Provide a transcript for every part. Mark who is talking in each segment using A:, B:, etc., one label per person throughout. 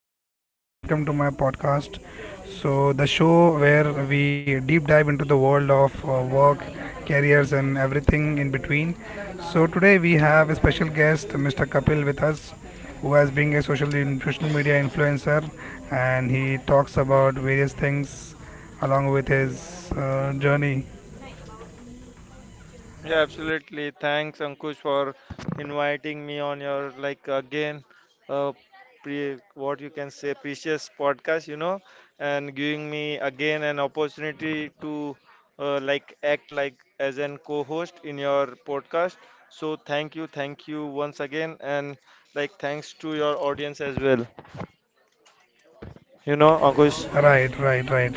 A: evening, everyone. Welcome to my podcast. The show where we deep dive into the world of work, careers, and everything in between. So, today we have a special guest, Mr. Kapil, with us, who has been a social media influencer and he talks about various things along with his journey.
B: Yeah, absolutely. Thanks, Ankush, for inviting me on your like again, uh, pre what you can say precious podcast, you know, and giving me again an opportunity to like act like as an co-host in your podcast. So thank you once again, and like thanks to your audience as well. You know, Ankush.
A: Right, right, right.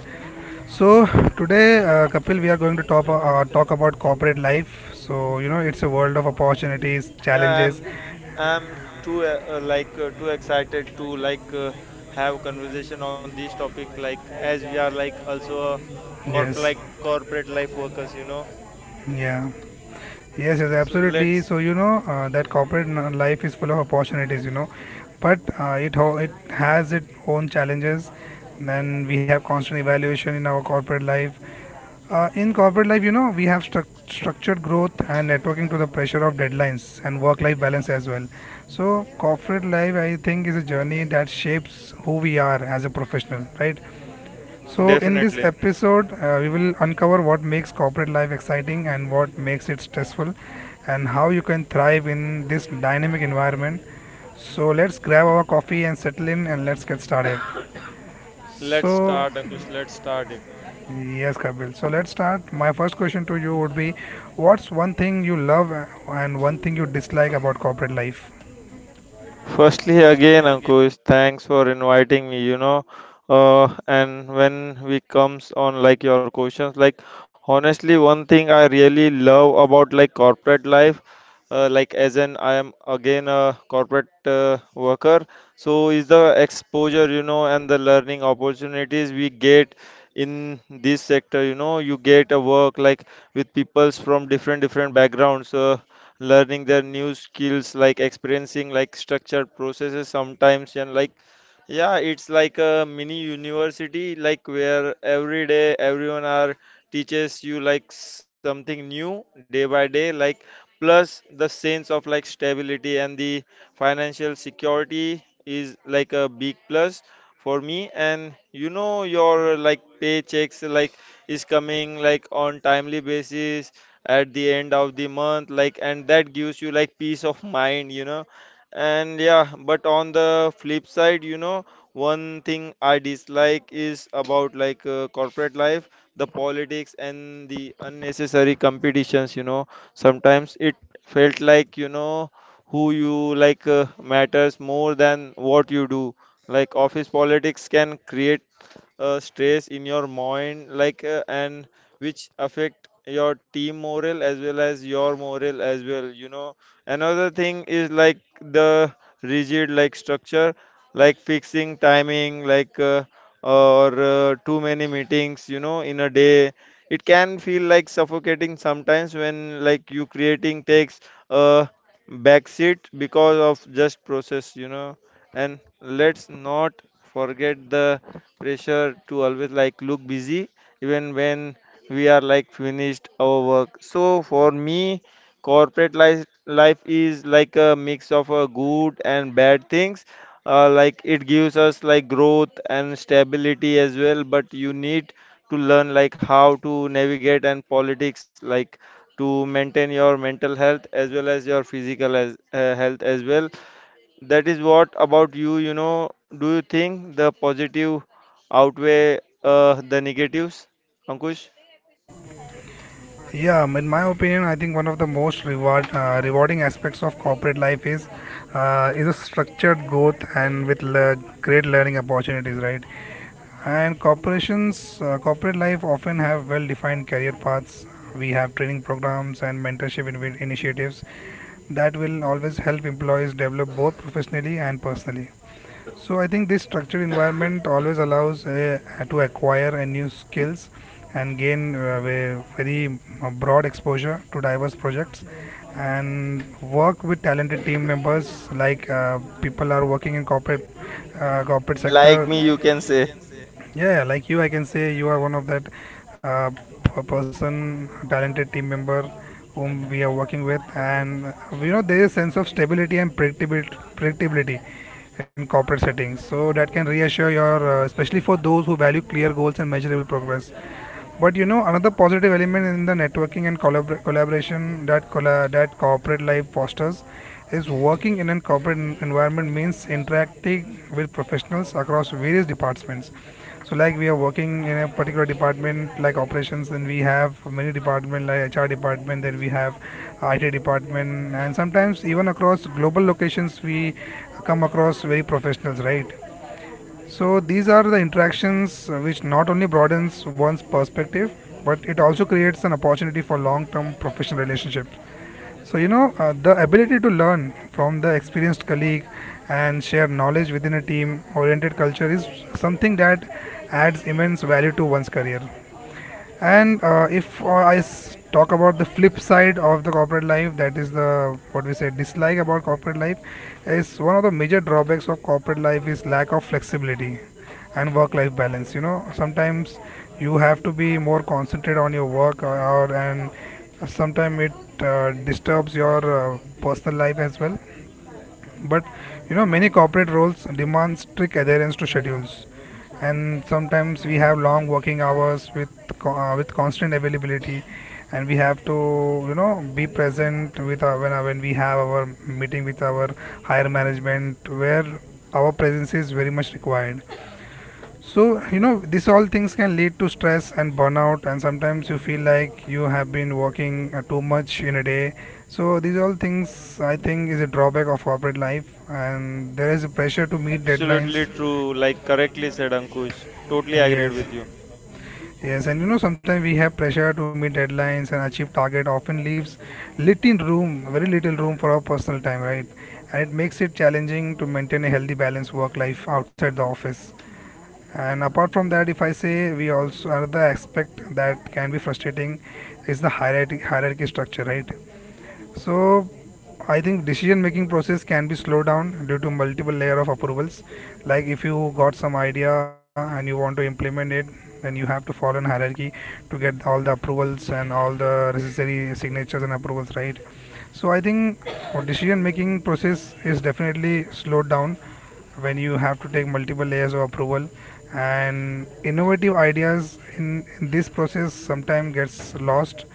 A: So today, Kapil, we are going to talk about corporate life. So you know, it's a world of opportunities,
B: Yeah,
A: challenges.
B: I'm too like too excited to like have conversation on this topic like as we are like also a corporate
A: Yes,
B: corporate life workers, you know.
A: yeah, yes, yes,
B: So
A: absolutely.
B: let's
A: So you know that life is full of opportunities. You know, but it has its own challenges. Then we have constant evaluation in our corporate life. In corporate life, you know, we have structured growth and networking to the pressure of deadlines and work-life balance as well. So, corporate life, I think, is a journey that shapes who we are as a professional, right? So, in this
B: definitely
A: episode, we will uncover what makes corporate life exciting and what makes it stressful, and how you can thrive in this dynamic environment. So, let's grab our coffee and settle in, and let's get started.
B: let's
A: So,
B: start, Ankush. Let's start it.
A: yes, Kapil. So let's start. My first question to you would be what's one thing you love and one thing you dislike about corporate life?
B: Firstly, again, Ankush, thanks for inviting me, you know. And when we comes on like your questions, like honestly, one thing I really love about like corporate life, like as an I am again a corporate worker, so is the exposure, you know, and the learning opportunities we get in this sector, you know, you get a work like with peoples from different different backgrounds. Learning their new skills like experiencing like structured processes sometimes and like yeah, it's like a mini university like where every day everyone are teaches you like something new day by day, like plus the sense of like stability and the financial security is like a big plus for me. And you know your like paychecks like is coming like on timely basis at the end of the month, like and that gives you like peace of mind, you know. And yeah, but on the flip side, you know, one thing I dislike is about like corporate life, the politics and the unnecessary competitions, you know. Sometimes it felt like, you know, who you like matters more than what you do. Like office politics can create stress in your mind, like and which affect your team morale as well as your morale as well, you know. Another thing is like the rigid like structure, like fixing timing like or too many meetings, you know, in a day, it can feel like suffocating sometimes when like you creating takes a backseat because of just process, you know. And let's not forget the pressure to always like look busy even when we are like finished our work. So for me, corporate life life is like a mix of good and bad things. Like it gives us like growth and stability as well, but you need to learn like how to navigate and politics like to maintain your mental health as well as your physical as health as well. That is what about you, you know, do you think the positive outweigh the negatives, Ankush?
A: Yeah, in my opinion, I think one of the most rewarding aspects of corporate life is a structured growth and with great learning opportunities, right? And corporate life often have well-defined career paths. We have training programs and mentorship initiatives that will always help employees develop both professionally and personally. So I think this structured environment always allows to acquire a new skills and gain ve- very broad exposure to diverse projects and work with talented team members like people are working in corporate
B: Like
A: sector.
B: me, you can say.
A: Yeah, yeah, like you I can say you are one of that person, talented team member whom we are working with, and you know, there is sense of stability and predictability in corporate settings, so that can reassure your especially for those who value clear goals and measurable progress. But you know, another positive element in the networking and collaboration that that corporate life fosters is working in a environment means interacting with professionals across various departments. So, like we are working in a particular department like operations, then we have many department like HR department, then we have IT department, and sometimes even across global locations we come across very professionals, right? So these are the interactions which not only broadens one's perspective, but it also creates an opportunity for long-term professional relationship. So you know the ability to learn from the experienced colleague and share knowledge within a team-oriented culture is something that adds immense value to one's career. And if I talk about the flip side of the corporate life, that is the what we say dislike about corporate life, is one of the major drawbacks of corporate life is lack of flexibility and work-life balance. You know, sometimes you have to be more concentrated on your work, or and sometimes it disturbs your personal life as well. But you know, many corporate roles demand strict adherence to schedules, and sometimes we have long working hours with constant availability, and we have to you know be present with our, when we have our meeting with our higher management where our presence is very much required. So, you know, these all things can lead to stress and burnout, and sometimes you feel like you have been working too much in a day. So, these all things I think is a drawback of corporate life, and there is a pressure to meet
B: Absolutely
A: deadlines.
B: true, like correctly said Ankush. Totally agreed
A: Yes.
B: with you.
A: Yes, and you know sometimes we have pressure to meet deadlines and achieve target often leaves very little room for our personal time, right? And it makes it challenging to maintain a healthy balance work life outside the office. And apart from that, if I say we also another aspect that can be frustrating is the hierarchy structure, right? So I think decision making process can be slowed down due to multiple layer of approvals. Like if you got some idea and you want to implement it, then you have to follow an hierarchy to get all the approvals and all the necessary signatures and approvals, right? So I think our decision making process is definitely slowed down when you have to take multiple layers of approval, and innovative ideas in this process sometimes gets lost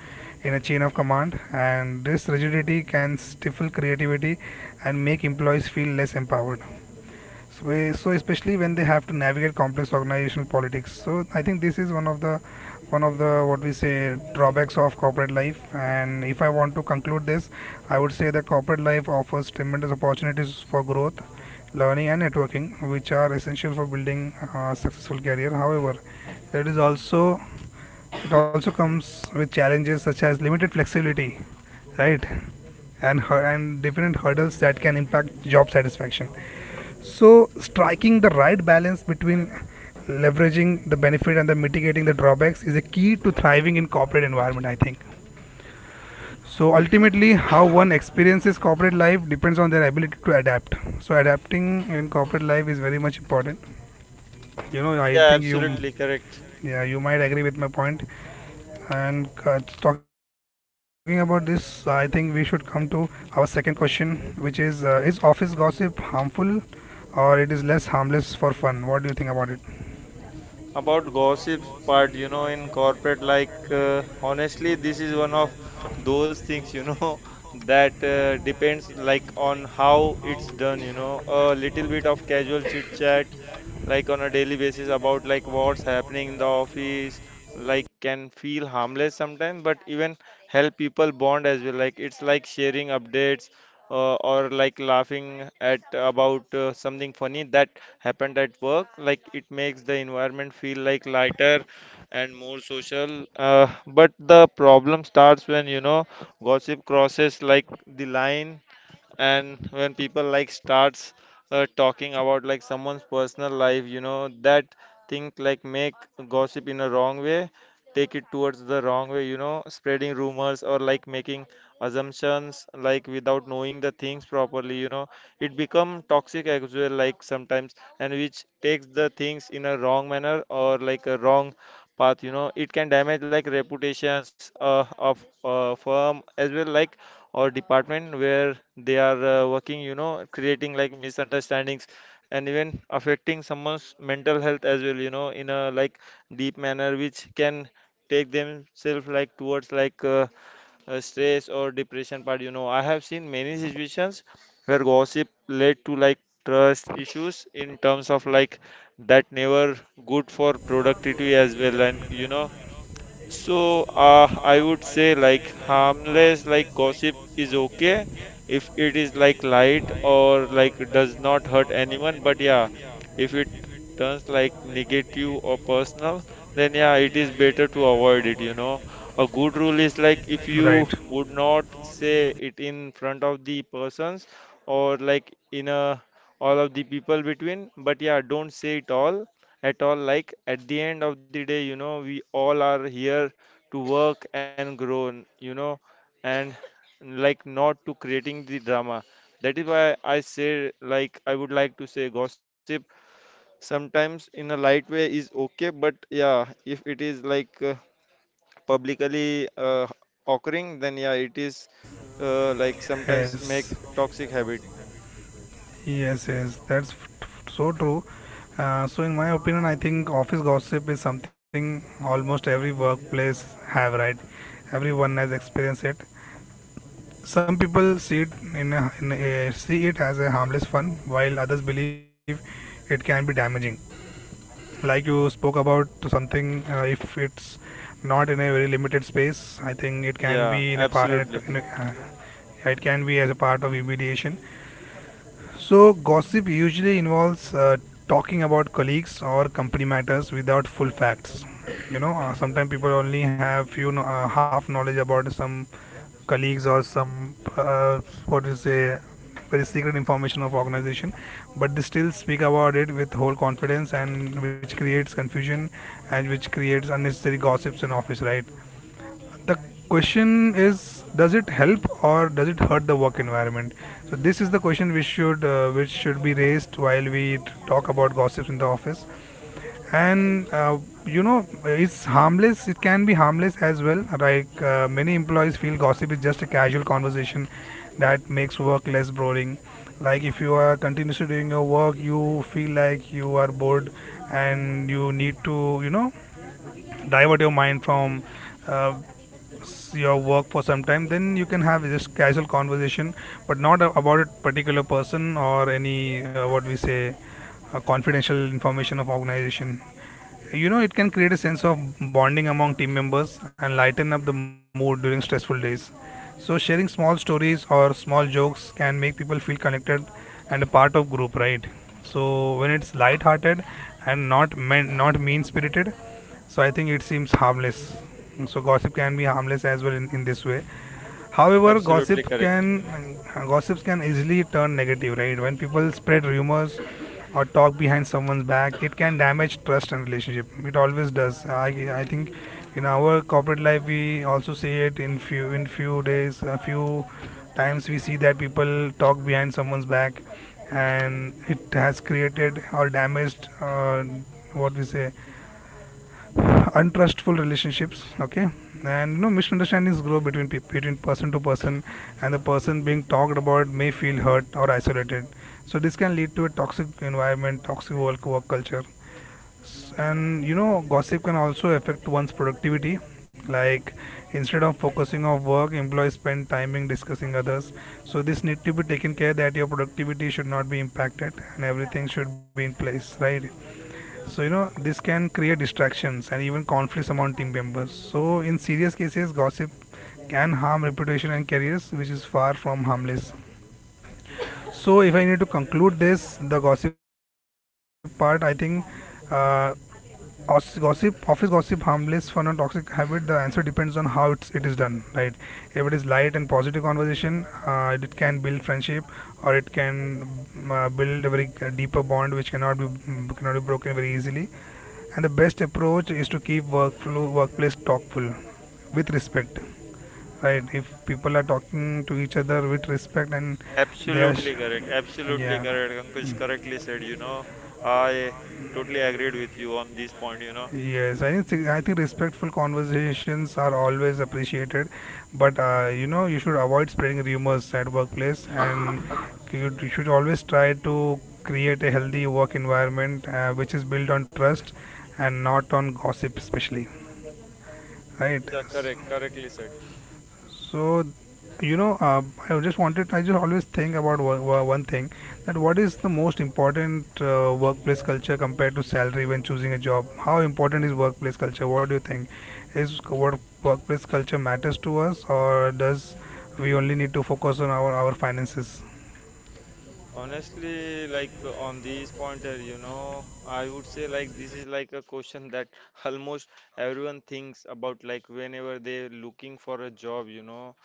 A: in a chain of command, and this rigidity can stifle creativity and make employees feel less empowered so especially when they have to navigate complex organizational politics. So I think this is one of the what we say drawbacks of corporate life. And if I want to conclude this, I would say that corporate life offers tremendous opportunities for growth, learning, and networking, which are essential for building a successful career. However, it is also it also comes with challenges such as limited flexibility, right? And, and different hurdles that can impact job satisfaction. So, striking the right balance between leveraging the benefit and the mitigating the drawbacks is a key to thriving in corporate environment, I think. So, ultimately, how one experiences corporate life depends on their ability to adapt. So, adapting in corporate life is very much important. You know, I
B: Yeah,
A: think
B: absolutely correct.
A: yeah, you might agree with my point. And talking about this, I think we should come to our second question, which is office gossip harmful, or it is less harmless for fun? What do you think about it?
B: About gossips part, you know, in corporate, like honestly, this is one of those things, you know, that depends like on how it's done, you know. A little bit of casual chit chat like on a daily basis about like what's happening in the office like can feel harmless sometimes, but even help people bond as well, like it's like sharing updates or like laughing at about something funny that happened at work. Like it makes the environment feel like lighter and more social. But the problem starts when, you know, gossip crosses like the line and when people like starts talking about like someone's personal life, you know, that thing like make gossip in a wrong way, take it towards the wrong way, you know. Spreading rumors or like making assumptions like without knowing the things properly, you know, it become toxic as well, like sometimes, and which takes the things in a wrong manner or like a wrong path, you know. It can damage like reputations of firm as well, like or department where they are working, you know, creating like misunderstandings and even affecting someone's mental health as well, you know, in a like deep manner, which can take themselves like towards like stress or depression part. You know, I have seen many situations where gossip led to like trust issues in terms of like that never good for productivity as well. And you know, so I would say like harmless like gossip is okay if it is like light or like does not hurt anyone. But yeah, if it turns like negative or personal, then yeah, it is better to avoid it, you know. A good rule is like if you
A: Right.
B: would not say it in front of the persons or like in a all of the people between, but yeah, don't say it all at all. Like at the end of the day, you know, we all are here to work and grow, you know, and like not to creating the drama. That is why I say, like, I would like to say gossip sometimes in a light way is okay, but yeah, if it is like publicly occurring, then yeah, it is like sometimes make
A: Yes.
B: toxic habit.
A: Yes. Yes. That's so true. So in my opinion, I think office gossip is something almost every workplace have. Right. Everyone has experienced it. Some people see it in a, see it as a harmless fun, while others believe it can be damaging. Like you spoke about something, if it's not in a very limited space, I think it can
B: Yeah,
A: be in a part
B: absolutely,
A: in a, it can be as a part of remediation. So, gossip usually involves talking about colleagues or company matters without full facts. You know, sometimes people only have half knowledge about some colleagues or some what do you say very secret information of organization, but they still speak about it with whole confidence, and which creates confusion and which creates unnecessary gossips in office, right? The question is does it help or does it hurt the work environment? So this is the question which should be raised while we talk about gossips in the office. And you know, it's harmless, it can be harmless as well, like many employees feel gossip is just a casual conversation that makes work less boring. Like if you are continuously doing your work, you feel like you are bored and you need to you know divert your mind from uh, your work for some time, then you can have just casual conversation, but not about a particular person or any what we say confidential information of organization. You know, it can create a sense of bonding among team members and lighten up the mood during stressful days. So, sharing small stories or small jokes can make people feel connected and a part of group, right? So, when it's light-hearted and not mean-spirited, so I think it seems harmless. So, gossip can be harmless as well in this way. However,
B: absolutely correct.
A: gossips can easily turn negative, right? When people spread rumors or talk behind someone's back, it can damage trust and relationship. It always does. I think in our corporate life we also see it in few days, a few times we see that people talk behind someone's back, and it has created or damaged what we say untrustful relationships, okay. And you know misunderstandings grow between person to person, and the person being talked about may feel hurt or isolated. So this can lead to a toxic environment, work culture. And you know gossip can also affect one's productivity, like instead of focusing on work employees spend time in discussing others. So this need to be taken care that your productivity should not be impacted and everything should be in place, right? So you know this can create distractions and even conflicts among team members. So in serious cases, gossip can harm reputation and careers, which is far from harmless. So if I need to conclude this, the gossip part, I think. Uh, Gossip, office gossip, harmless fun or toxic habit, the answer depends on how it is done, right? If it is light and positive conversation, it can build friendship, or it can build a very deeper bond which cannot be broken very easily. And the best approach is to keep workflow workplace talkful with respect. Right? If people are talking to each other with respect and they are, sh-
B: Absolutely correct. Absolutely
A: yeah,
B: correct. Ankush correctly said, you know, I totally agreed with you on this point, you know.
A: yes. I think respectful conversations are always appreciated, but you should avoid spreading rumors at workplace, and you should always try to create a healthy work environment, which is built on trust and not on gossip, especially. Right?
B: Yeah, correct. Correctly said.
A: So, you know, uh, I just always think about one thing: that what is the most important, workplace culture compared to salary when choosing a job? How important is workplace culture? What do you think? Is, what, workplace culture matters to us, or does we only need to focus on our finances?
B: Honestly, like on this pointer, you know, I would say like this is like a question that almost everyone thinks about like whenever they're looking for a job, you know.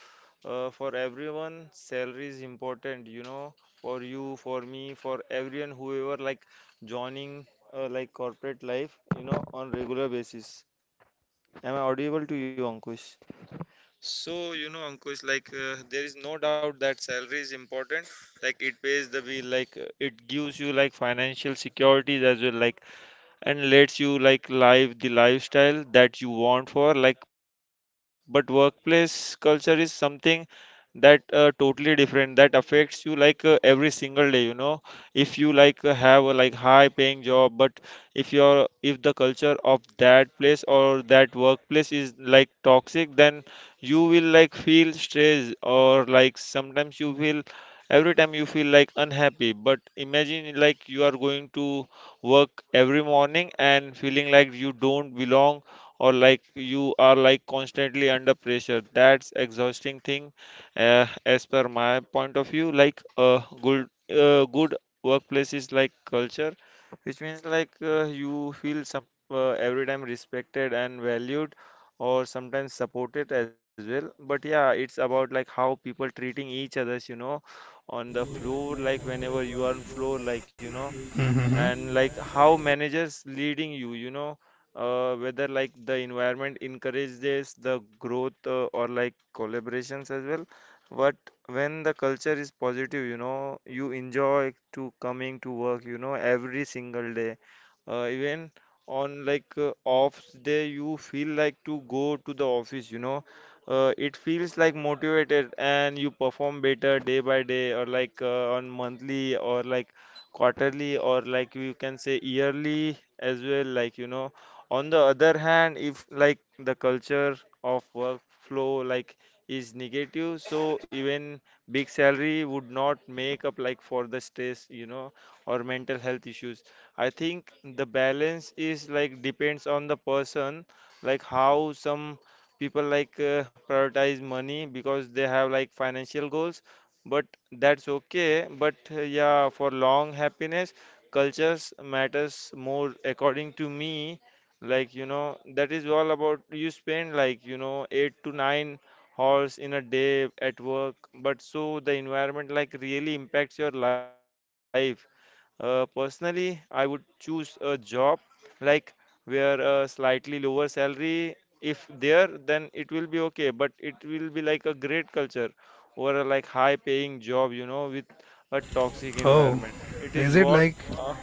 B: For everyone, salary is important, you know, for you, for me, for everyone, whoever like joining like corporate life, you know, on regular basis. Am I audible to you, Ankush? So, you know, Ankush, like there is no doubt that salary is important. Like it pays the bill, like it gives you like financial securities as well. Like and lets you like live the lifestyle that you want for like, but workplace culture is something that totally different that affects you like every single day, you know. If you like have a like high paying job, but if your if the culture of that place or that workplace is like toxic, then you will like feel stressed or like sometimes you feel every time you feel like unhappy. But imagine like you are going to work every morning and feeling like you don't belong or like you are like constantly under pressure, that's exhausting thing. As per my point of view, like a good good workplace is like culture, which means like you feel some every time respected and valued or sometimes supported as well. But yeah, it's about like how people treating each others, you know, on the floor, like whenever you are on floor, like you know.
A: Mm-hmm.
B: And like how managers leading you, you know, whether like the environment encourages the growth or like collaborations as well. But when the culture is positive, you know, you enjoy to coming to work, you know, every single day. Even on like off day you feel like to go to the office, you know. It feels like motivated and you perform better day by day or like on monthly or like quarterly or like you can say yearly as well, like you know. On the other hand, if like the culture of workflow like is negative, so even big salary would not make up like for the stress, you know, or mental health issues. I think the balance is like depends on the person, like how some people like prioritize money because they have like financial goals, but that's okay. But yeah, for long happiness, cultures matters more according to me. Like, you know, that is all about you spend like, you know, 8 to 9 hours in a day at work, but so the environment like really impacts your life. Personally, I would choose a job like where a slightly lower salary, if there, then it will be okay, but it will be like a great culture. Or a like high paying job, you know, with a toxic
A: Oh,
B: environment. It
A: is
B: is
A: it
B: what,
A: like,
B: uh,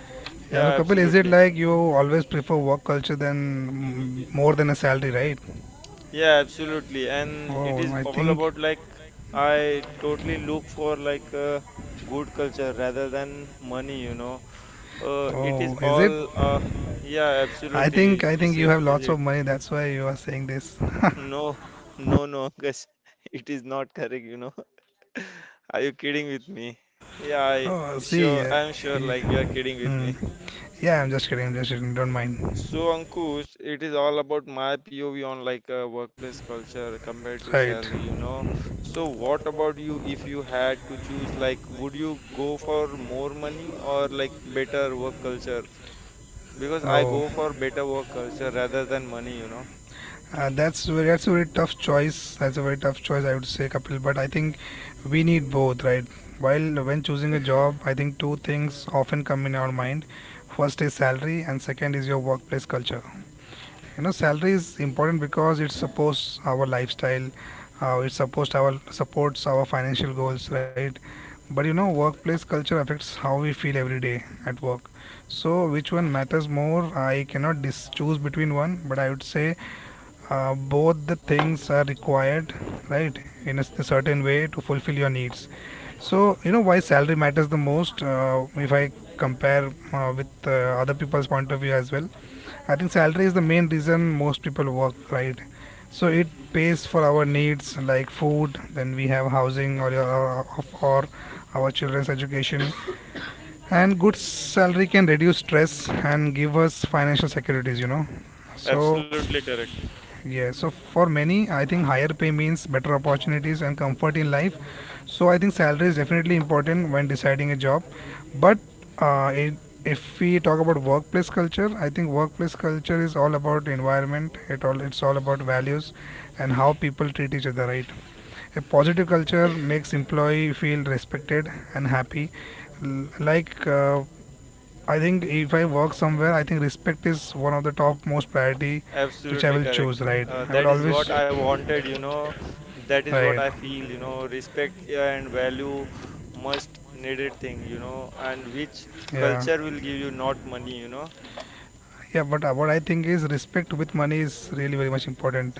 A: yeah,
B: yeah,
A: so Kapil, is it
B: absolutely.
A: like you always prefer work culture than more than a salary, right?
B: Yeah, absolutely. And it
A: Oh,
B: is
A: I
B: all
A: think.
B: about like I totally look for like a good culture rather than money, you know. It
A: Oh,
B: is
A: is it?
B: all yeah,
A: I think I
B: absolutely.
A: think
B: Is
A: you
B: it
A: have
B: is
A: lots of
B: it?
A: money. That's why you are saying this.
B: No, no, no, Ankush. It is not correct, you know. Are you kidding with me? Yeah, I
A: oh, see,
B: sure I'm sure
A: y-
B: like you are kidding with me.
A: mm. Yeah. I'm just kidding. I'm just kidding. Don't mind.
B: So Ankush, it is all about my POV on like a workplace culture compared to
A: Right.
B: salary, you know. So what about you, if you had to choose, like would you go for more money or like better work culture? Because I
A: Oh,
B: go for better work culture rather than money, you know.
A: that's a very tough choice. That's a very tough choice, I would say, Kapil. But I think we need both, right? While when choosing a job, I think two things often come in our mind. First is salary, and second is your workplace culture. You know, salary is important because it supports our lifestyle, it supports our financial goals, right? But you know, workplace culture affects how we feel every day at work. So which one matters more? I cannot choose between one, but I would say both the things are required, right, in a certain way to fulfill your needs. So you know, why salary matters the most? If I compare with other people's point of view as well, I think salary is the main reason most people work, right? So it pays for our needs, like food, then we have housing, or your, or our children's education. And good salary can reduce stress and give us financial securities, you know. So
B: Absolutely
A: yeah, so for many, I think higher pay means better opportunities and comfort in life. So I think salary is definitely important when deciding a job. But uh, I if we talk about workplace culture, I think workplace culture is all about environment, it's all about values and how people treat each other, right? A positive culture makes employee feel respected and happy. Like, I think if I work somewhere, I think respect is one of the top most priority which I
B: absolutely
A: will
B: correct.
A: choose. Right? I will
B: That is
A: always.
B: what I wanted, you know. That is
A: Right.
B: what I feel, you know. Respect, yeah, and value, must needed thing, you know, and which
A: Yeah.
B: culture will give you, not money, you know.
A: Yeah. But what I think is, respect with money is really very much important.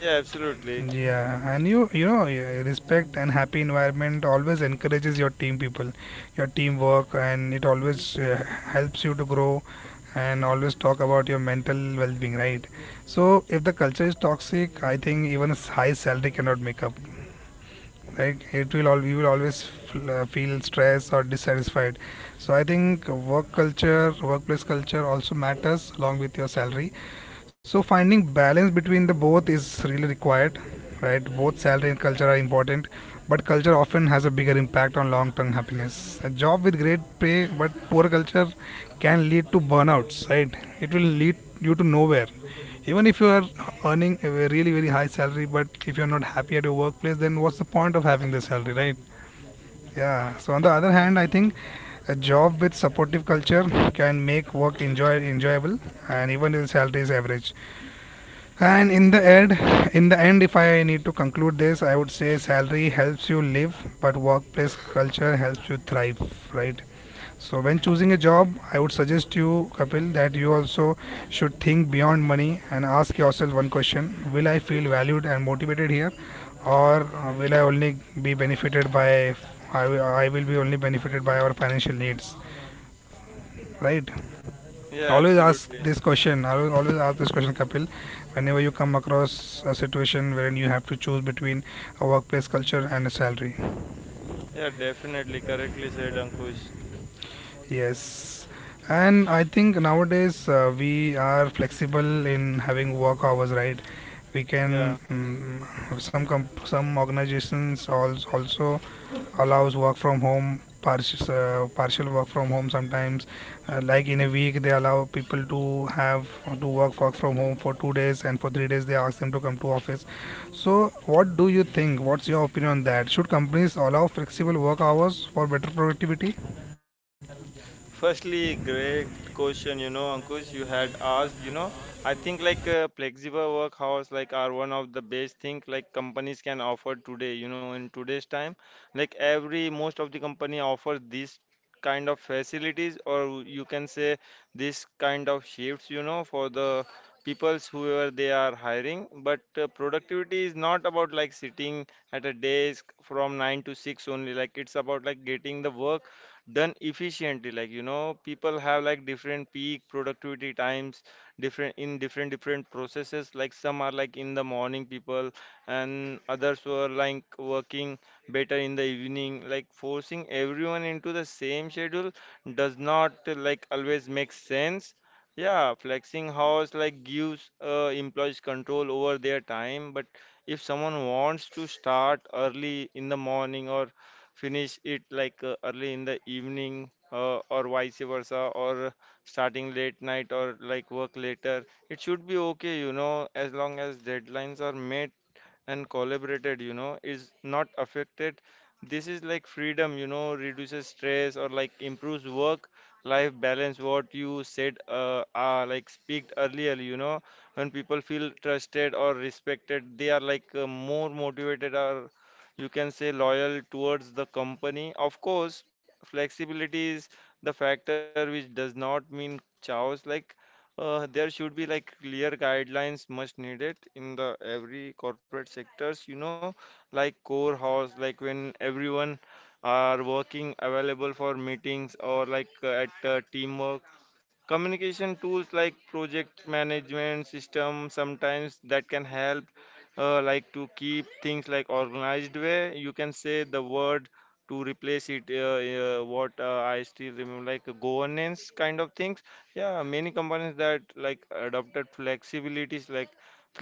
B: Yeah, absolutely.
A: Yeah, and you know yeah, respect and happy environment always encourages your team people, your teamwork, and it always helps you to grow, and always talk about your mental well-being, right? So if the culture is toxic, I think even a high salary cannot make up. Right? It will all you will always feel stressed or dissatisfied. So I think work culture, workplace culture also matters along with your salary. So finding balance between the both is really required, right? Both salary and culture are important, but culture often has a bigger impact on long-term happiness. A job with great pay but poor culture can lead to burnouts, right? It will lead you to nowhere. Even if you are earning a really very high salary, but if you're not happy at your workplace, then what's the point of having the salary, right? Yeah. So on the other hand, I think a job with supportive culture can make work enjoyable, and even if the salary is average. And in the end, In the end, if I need to conclude this, I would say salary helps you live, but workplace culture helps you thrive, right? So when choosing a job, I would suggest you, Kapil, that you also should think beyond money and ask yourself one question: Will I feel valued and motivated here, or will I only be benefited by? I will be only benefited by our financial needs, right?
B: Yeah,
A: Always ask
B: absolutely.
A: this question. I will always ask this question, Kapil. Whenever you come across a situation wherein you have to choose between a workplace culture and a salary.
B: Yeah, definitely. Correctly said, Ankush.
A: Yes, and I think nowadays we are flexible in having work hours, right? We can
B: Yeah.
A: some organizations also allows work from home, partial work from home sometimes. Like in a week, they allow people to have to work from home for 2 days, and for 3 days they ask them to come to office. So, what do you think? What's your opinion on that? Should companies allow flexible work hours for better productivity?
B: Firstly, great question, you know, Ankush, you had asked, you know, I think flexible work hours like are one of the best thing like companies can offer today, you know, in today's time. Like every most of the company offers this kind of facilities, or you can say this kind of shifts, you know, for the peoples whoever they are hiring. But productivity is not about like sitting at a desk from 9 to 6 only, like it's about like getting the work done efficiently. Like, you know, people have like different peak productivity times, different in different processes. Like some are like in the morning people and others were like working better in the evening. Like forcing everyone into the same schedule does not like always make sense. Yeah, flexing hours like gives employees control over their time. But if someone wants to start early in the morning or finish it like early in the evening, or vice versa, or starting late night or like work later, it should be okay, you know, as long as deadlines are met and collaborated, you know, is not affected. This is like freedom, you know, reduces stress or like improves work life balance. What you said, like, speak earlier, you know, when people feel trusted or respected, they are like more motivated or you can say loyal towards the company. Of course, flexibility is the factor which does not mean chaos. There should be like clear guidelines much needed in the every corporate sectors. You know, like core hours, like when everyone are working available for meetings or like at teamwork communication tools, like project management system, sometimes that can help like to keep things like organized way, you can say the word to replace it, what I still remember like governance kind of things. Yeah, many companies that like adopted flexibilities like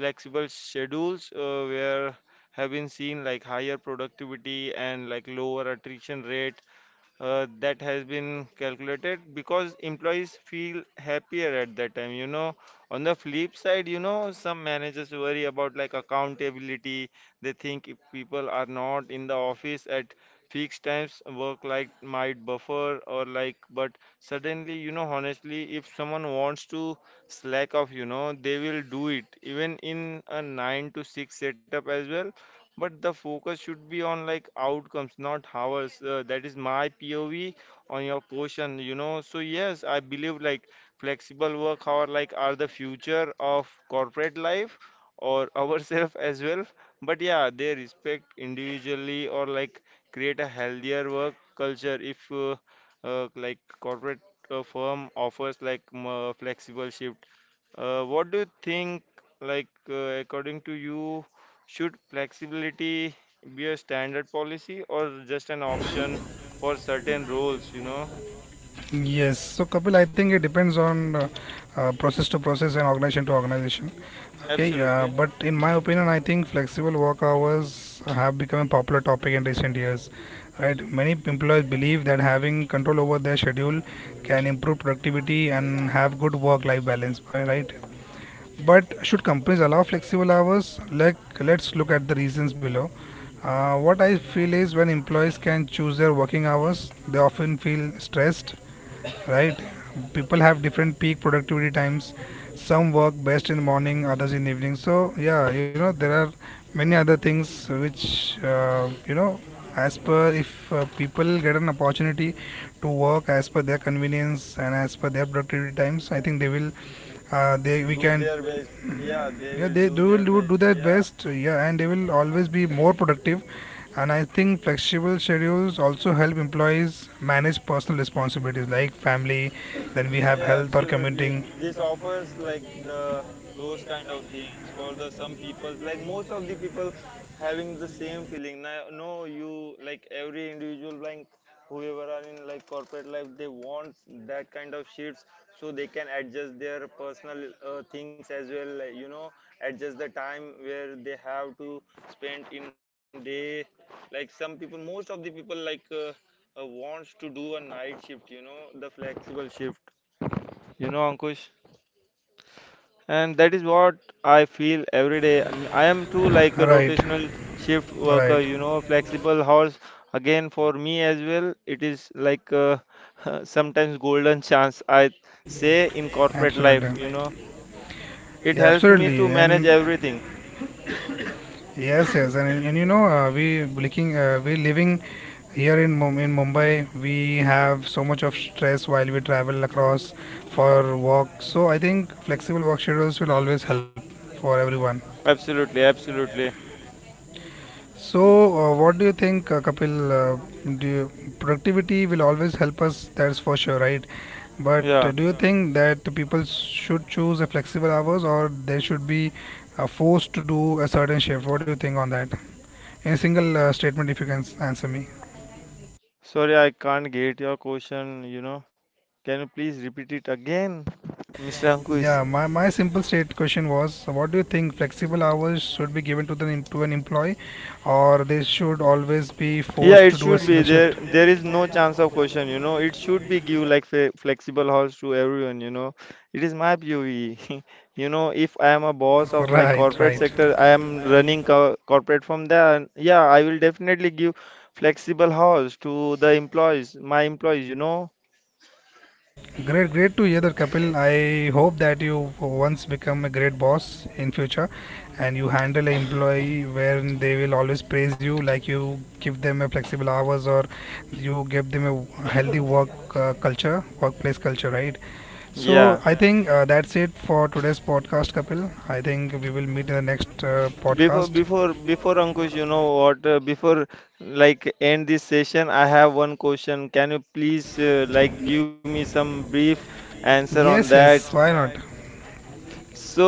B: flexible schedules, where have been seen like higher productivity and like lower attrition rate, that has been calculated because employees feel happier at that time, you know. On the flip side, you know, some managers worry about like accountability. They think if people are not in the office at fixed times, work like might buffer or like, but suddenly, you know, honestly, if someone wants to slack off, you know, they will do it even in a 9 to 6 setup as well. But the focus should be on like outcomes, not hours. That is my POV on your question, you know. So yes, I believe like flexible work hour like are the future of corporate life or ourselves as well. But yeah, they respect individually or like create a healthier work culture if like corporate firm offers like flexible shift. What do you think, like, according to you, should flexibility be a standard policy or just an option for certain roles, you know?
A: Yes, so Kapil, I think it depends on process to process and organization to organization. Okay,
B: Absolutely.
A: but in my opinion, I think flexible work hours have become a popular topic in recent years. Right, many employees believe that having control over their schedule can improve productivity and have good work-life balance. Right, but should companies allow flexible hours? Like, let's look at the reasons below. What I feel is, when employees can choose their working hours, they often feel stressed, right? People have different peak productivity times. Some work best in the morning, others in the evening. So yeah, you know, there are many other things which, as per, if people get an opportunity to work as per their convenience and as per their productivity times, I think they will, they we
B: Do
A: can,
B: their best. Yeah, they
A: yeah,
B: will
A: they
B: do their
A: do
B: best,
A: their
B: yeah.
A: best. Yeah, and they will always be more productive. And I think flexible schedules also help employees manage personal responsibilities like family. Then we have
B: Yeah,
A: health or commuting.
B: absolutely. This offers like the those kind of things for the some people. Like most of the people having the same feeling. Now, no, you like every individual like whoever are in like corporate life, they want that kind of shifts so they can adjust their personal things as well. Like, you know, adjust the time where they have to spend in day. Like some people, most of the people like. Wants to do a night shift, you know, the flexible shift, you know, Ankush, and that is what I feel every day. I am too like a
A: Right,
B: rotational shift worker,
A: right,
B: you know, flexible hours. Again, for me as well, it is like sometimes golden chance, I say, in corporate life,
A: absolutely,
B: you know. It
A: yeah,
B: helps me
A: absolutely.
B: to manage
A: And
B: everything.
A: yes, yes, and you know, we living here in Mumbai. We have so much of stress while we travel across for work. So I think flexible work schedules will always help for everyone.
B: Absolutely, absolutely.
A: So, what do you think, Kapil? Do you, productivity will always help us, that's for sure, right? But
B: Yeah.
A: do you think that people should choose a flexible hours or they should be forced to do a certain shift? What do you think on that? In a single statement, if you can answer me.
B: Sorry, I can't get your question, you know. Can you please repeat it again, Mr. Ankush?
A: Yeah, my simple state question was, what do you think, flexible hours should be given to the to an employee, or they should always be
B: Yeah,
A: forced
B: it
A: to do a
B: should be
A: single
B: there.
A: shift?
B: There is no chance of question, you know. It should be give like fe flexible hours to everyone, you know. It is my POV. You know, if I am a boss of like
A: Right,
B: corporate
A: right.
B: sector, I am running co corporate from there. And yeah, I will definitely give flexible hours to the employees, my employees, you know.
A: Great, great to hear that, Kapil. I hope that you once become a great boss in future, and you handle an employee where they will always praise you, like you give them a flexible hours, or you give them a healthy work culture, workplace culture, right? So
B: Yeah.
A: I think that's it for today's podcast, Kapil. I think we will meet in the next
B: Before
A: podcast.
B: before before Ankush, you know what? Before like end this session, I have one question. Can you please like give me some brief answer
A: Yes,
B: on
A: yes.
B: that?
A: Why not?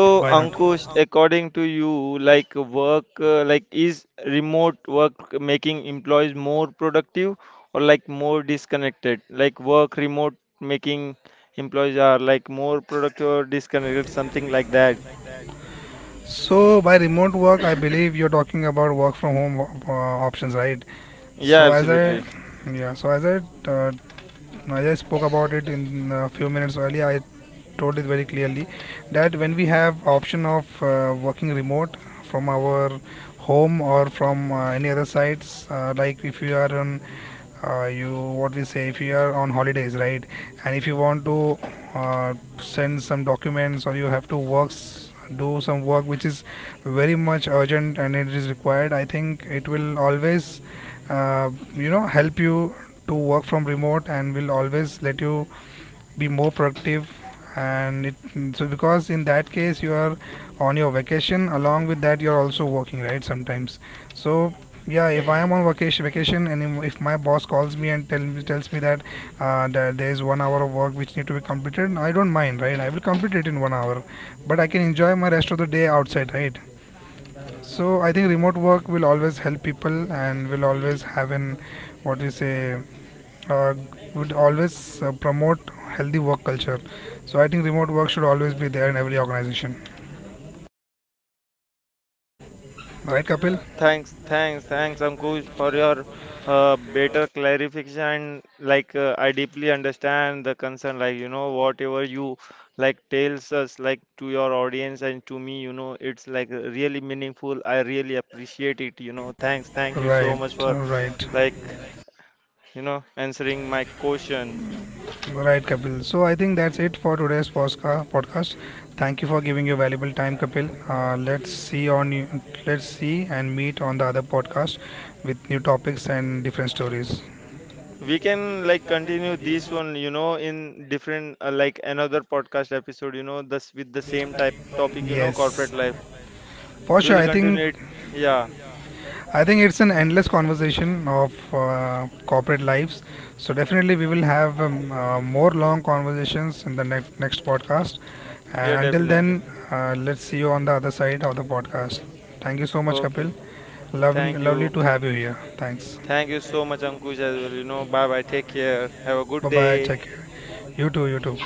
A: Why not?
B: Ankush, according to you, like, is remote work making employees more productive or like more disconnected? Like work remote making employees are like more productive or disconnected, something like that.
A: So by remote work, I believe you're talking about work from home uh, options, right?
B: Yeah,
A: So as I,
B: absolutely.
A: yeah, uh, as I spoke about it in a few minutes earlier, I told it very clearly that when we have option of working remote from our home or from any other sites, like if you are on, you what we say, if you are on holidays, right? And if you want to uh, send some documents, or you have to work do some work which is very much urgent and it is required, I think it will always, uh, help you to work from remote and will always let you be more productive. And it, so because in that case you are on your vacation, along with that you're also working, right, sometimes. So yeah, if I am on vacation and if my boss calls me and tells me that that there is 1 hour of work which need to be completed, I don't mind, right? I will complete it in 1 hour, but I can enjoy my rest of the day outside, right? So I think remote work will always help people and will always have an, what we say, uh, would always promote healthy work culture. So I think remote work should always be there in every organization. Right, Kapil?
B: Yeah, thanks, Ankush, for your better clarification. And, like, I deeply understand the concern. Like, you know, whatever you like tells us, like to your audience and to me, you know, it's like really meaningful. I really appreciate it. You know, thank you
A: Right,
B: so much for
A: right,
B: like, you know, answering my question.
A: right, Kapil. So I think that's it for today's podcast. Thank you for giving your valuable time, Kapil. Let's see on you. Let's see and meet on the other podcast with new topics and different stories.
B: We can like continue this one, you know, in different like another podcast episode, you know, this with the same type topic, you know, corporate
A: Yes,
B: life.
A: for
B: We
A: sure.
B: will continue it. Yeah,
A: I think it's an endless conversation of corporate lives. So definitely we will have more long conversations in the next podcast.
B: yeah,
A: And until
B: definitely.
A: then, let's see you on the other side of the podcast. Thank you so much,
B: Okay,
A: Kapil.
B: thank
A: Loving, lovely
B: you.
A: to have you here. Thanks.
B: Thank you so much, Ankush, as well. You know, bye bye. Take care. Have a good
A: Bye bye.
B: day.
A: Take care. You too. You too.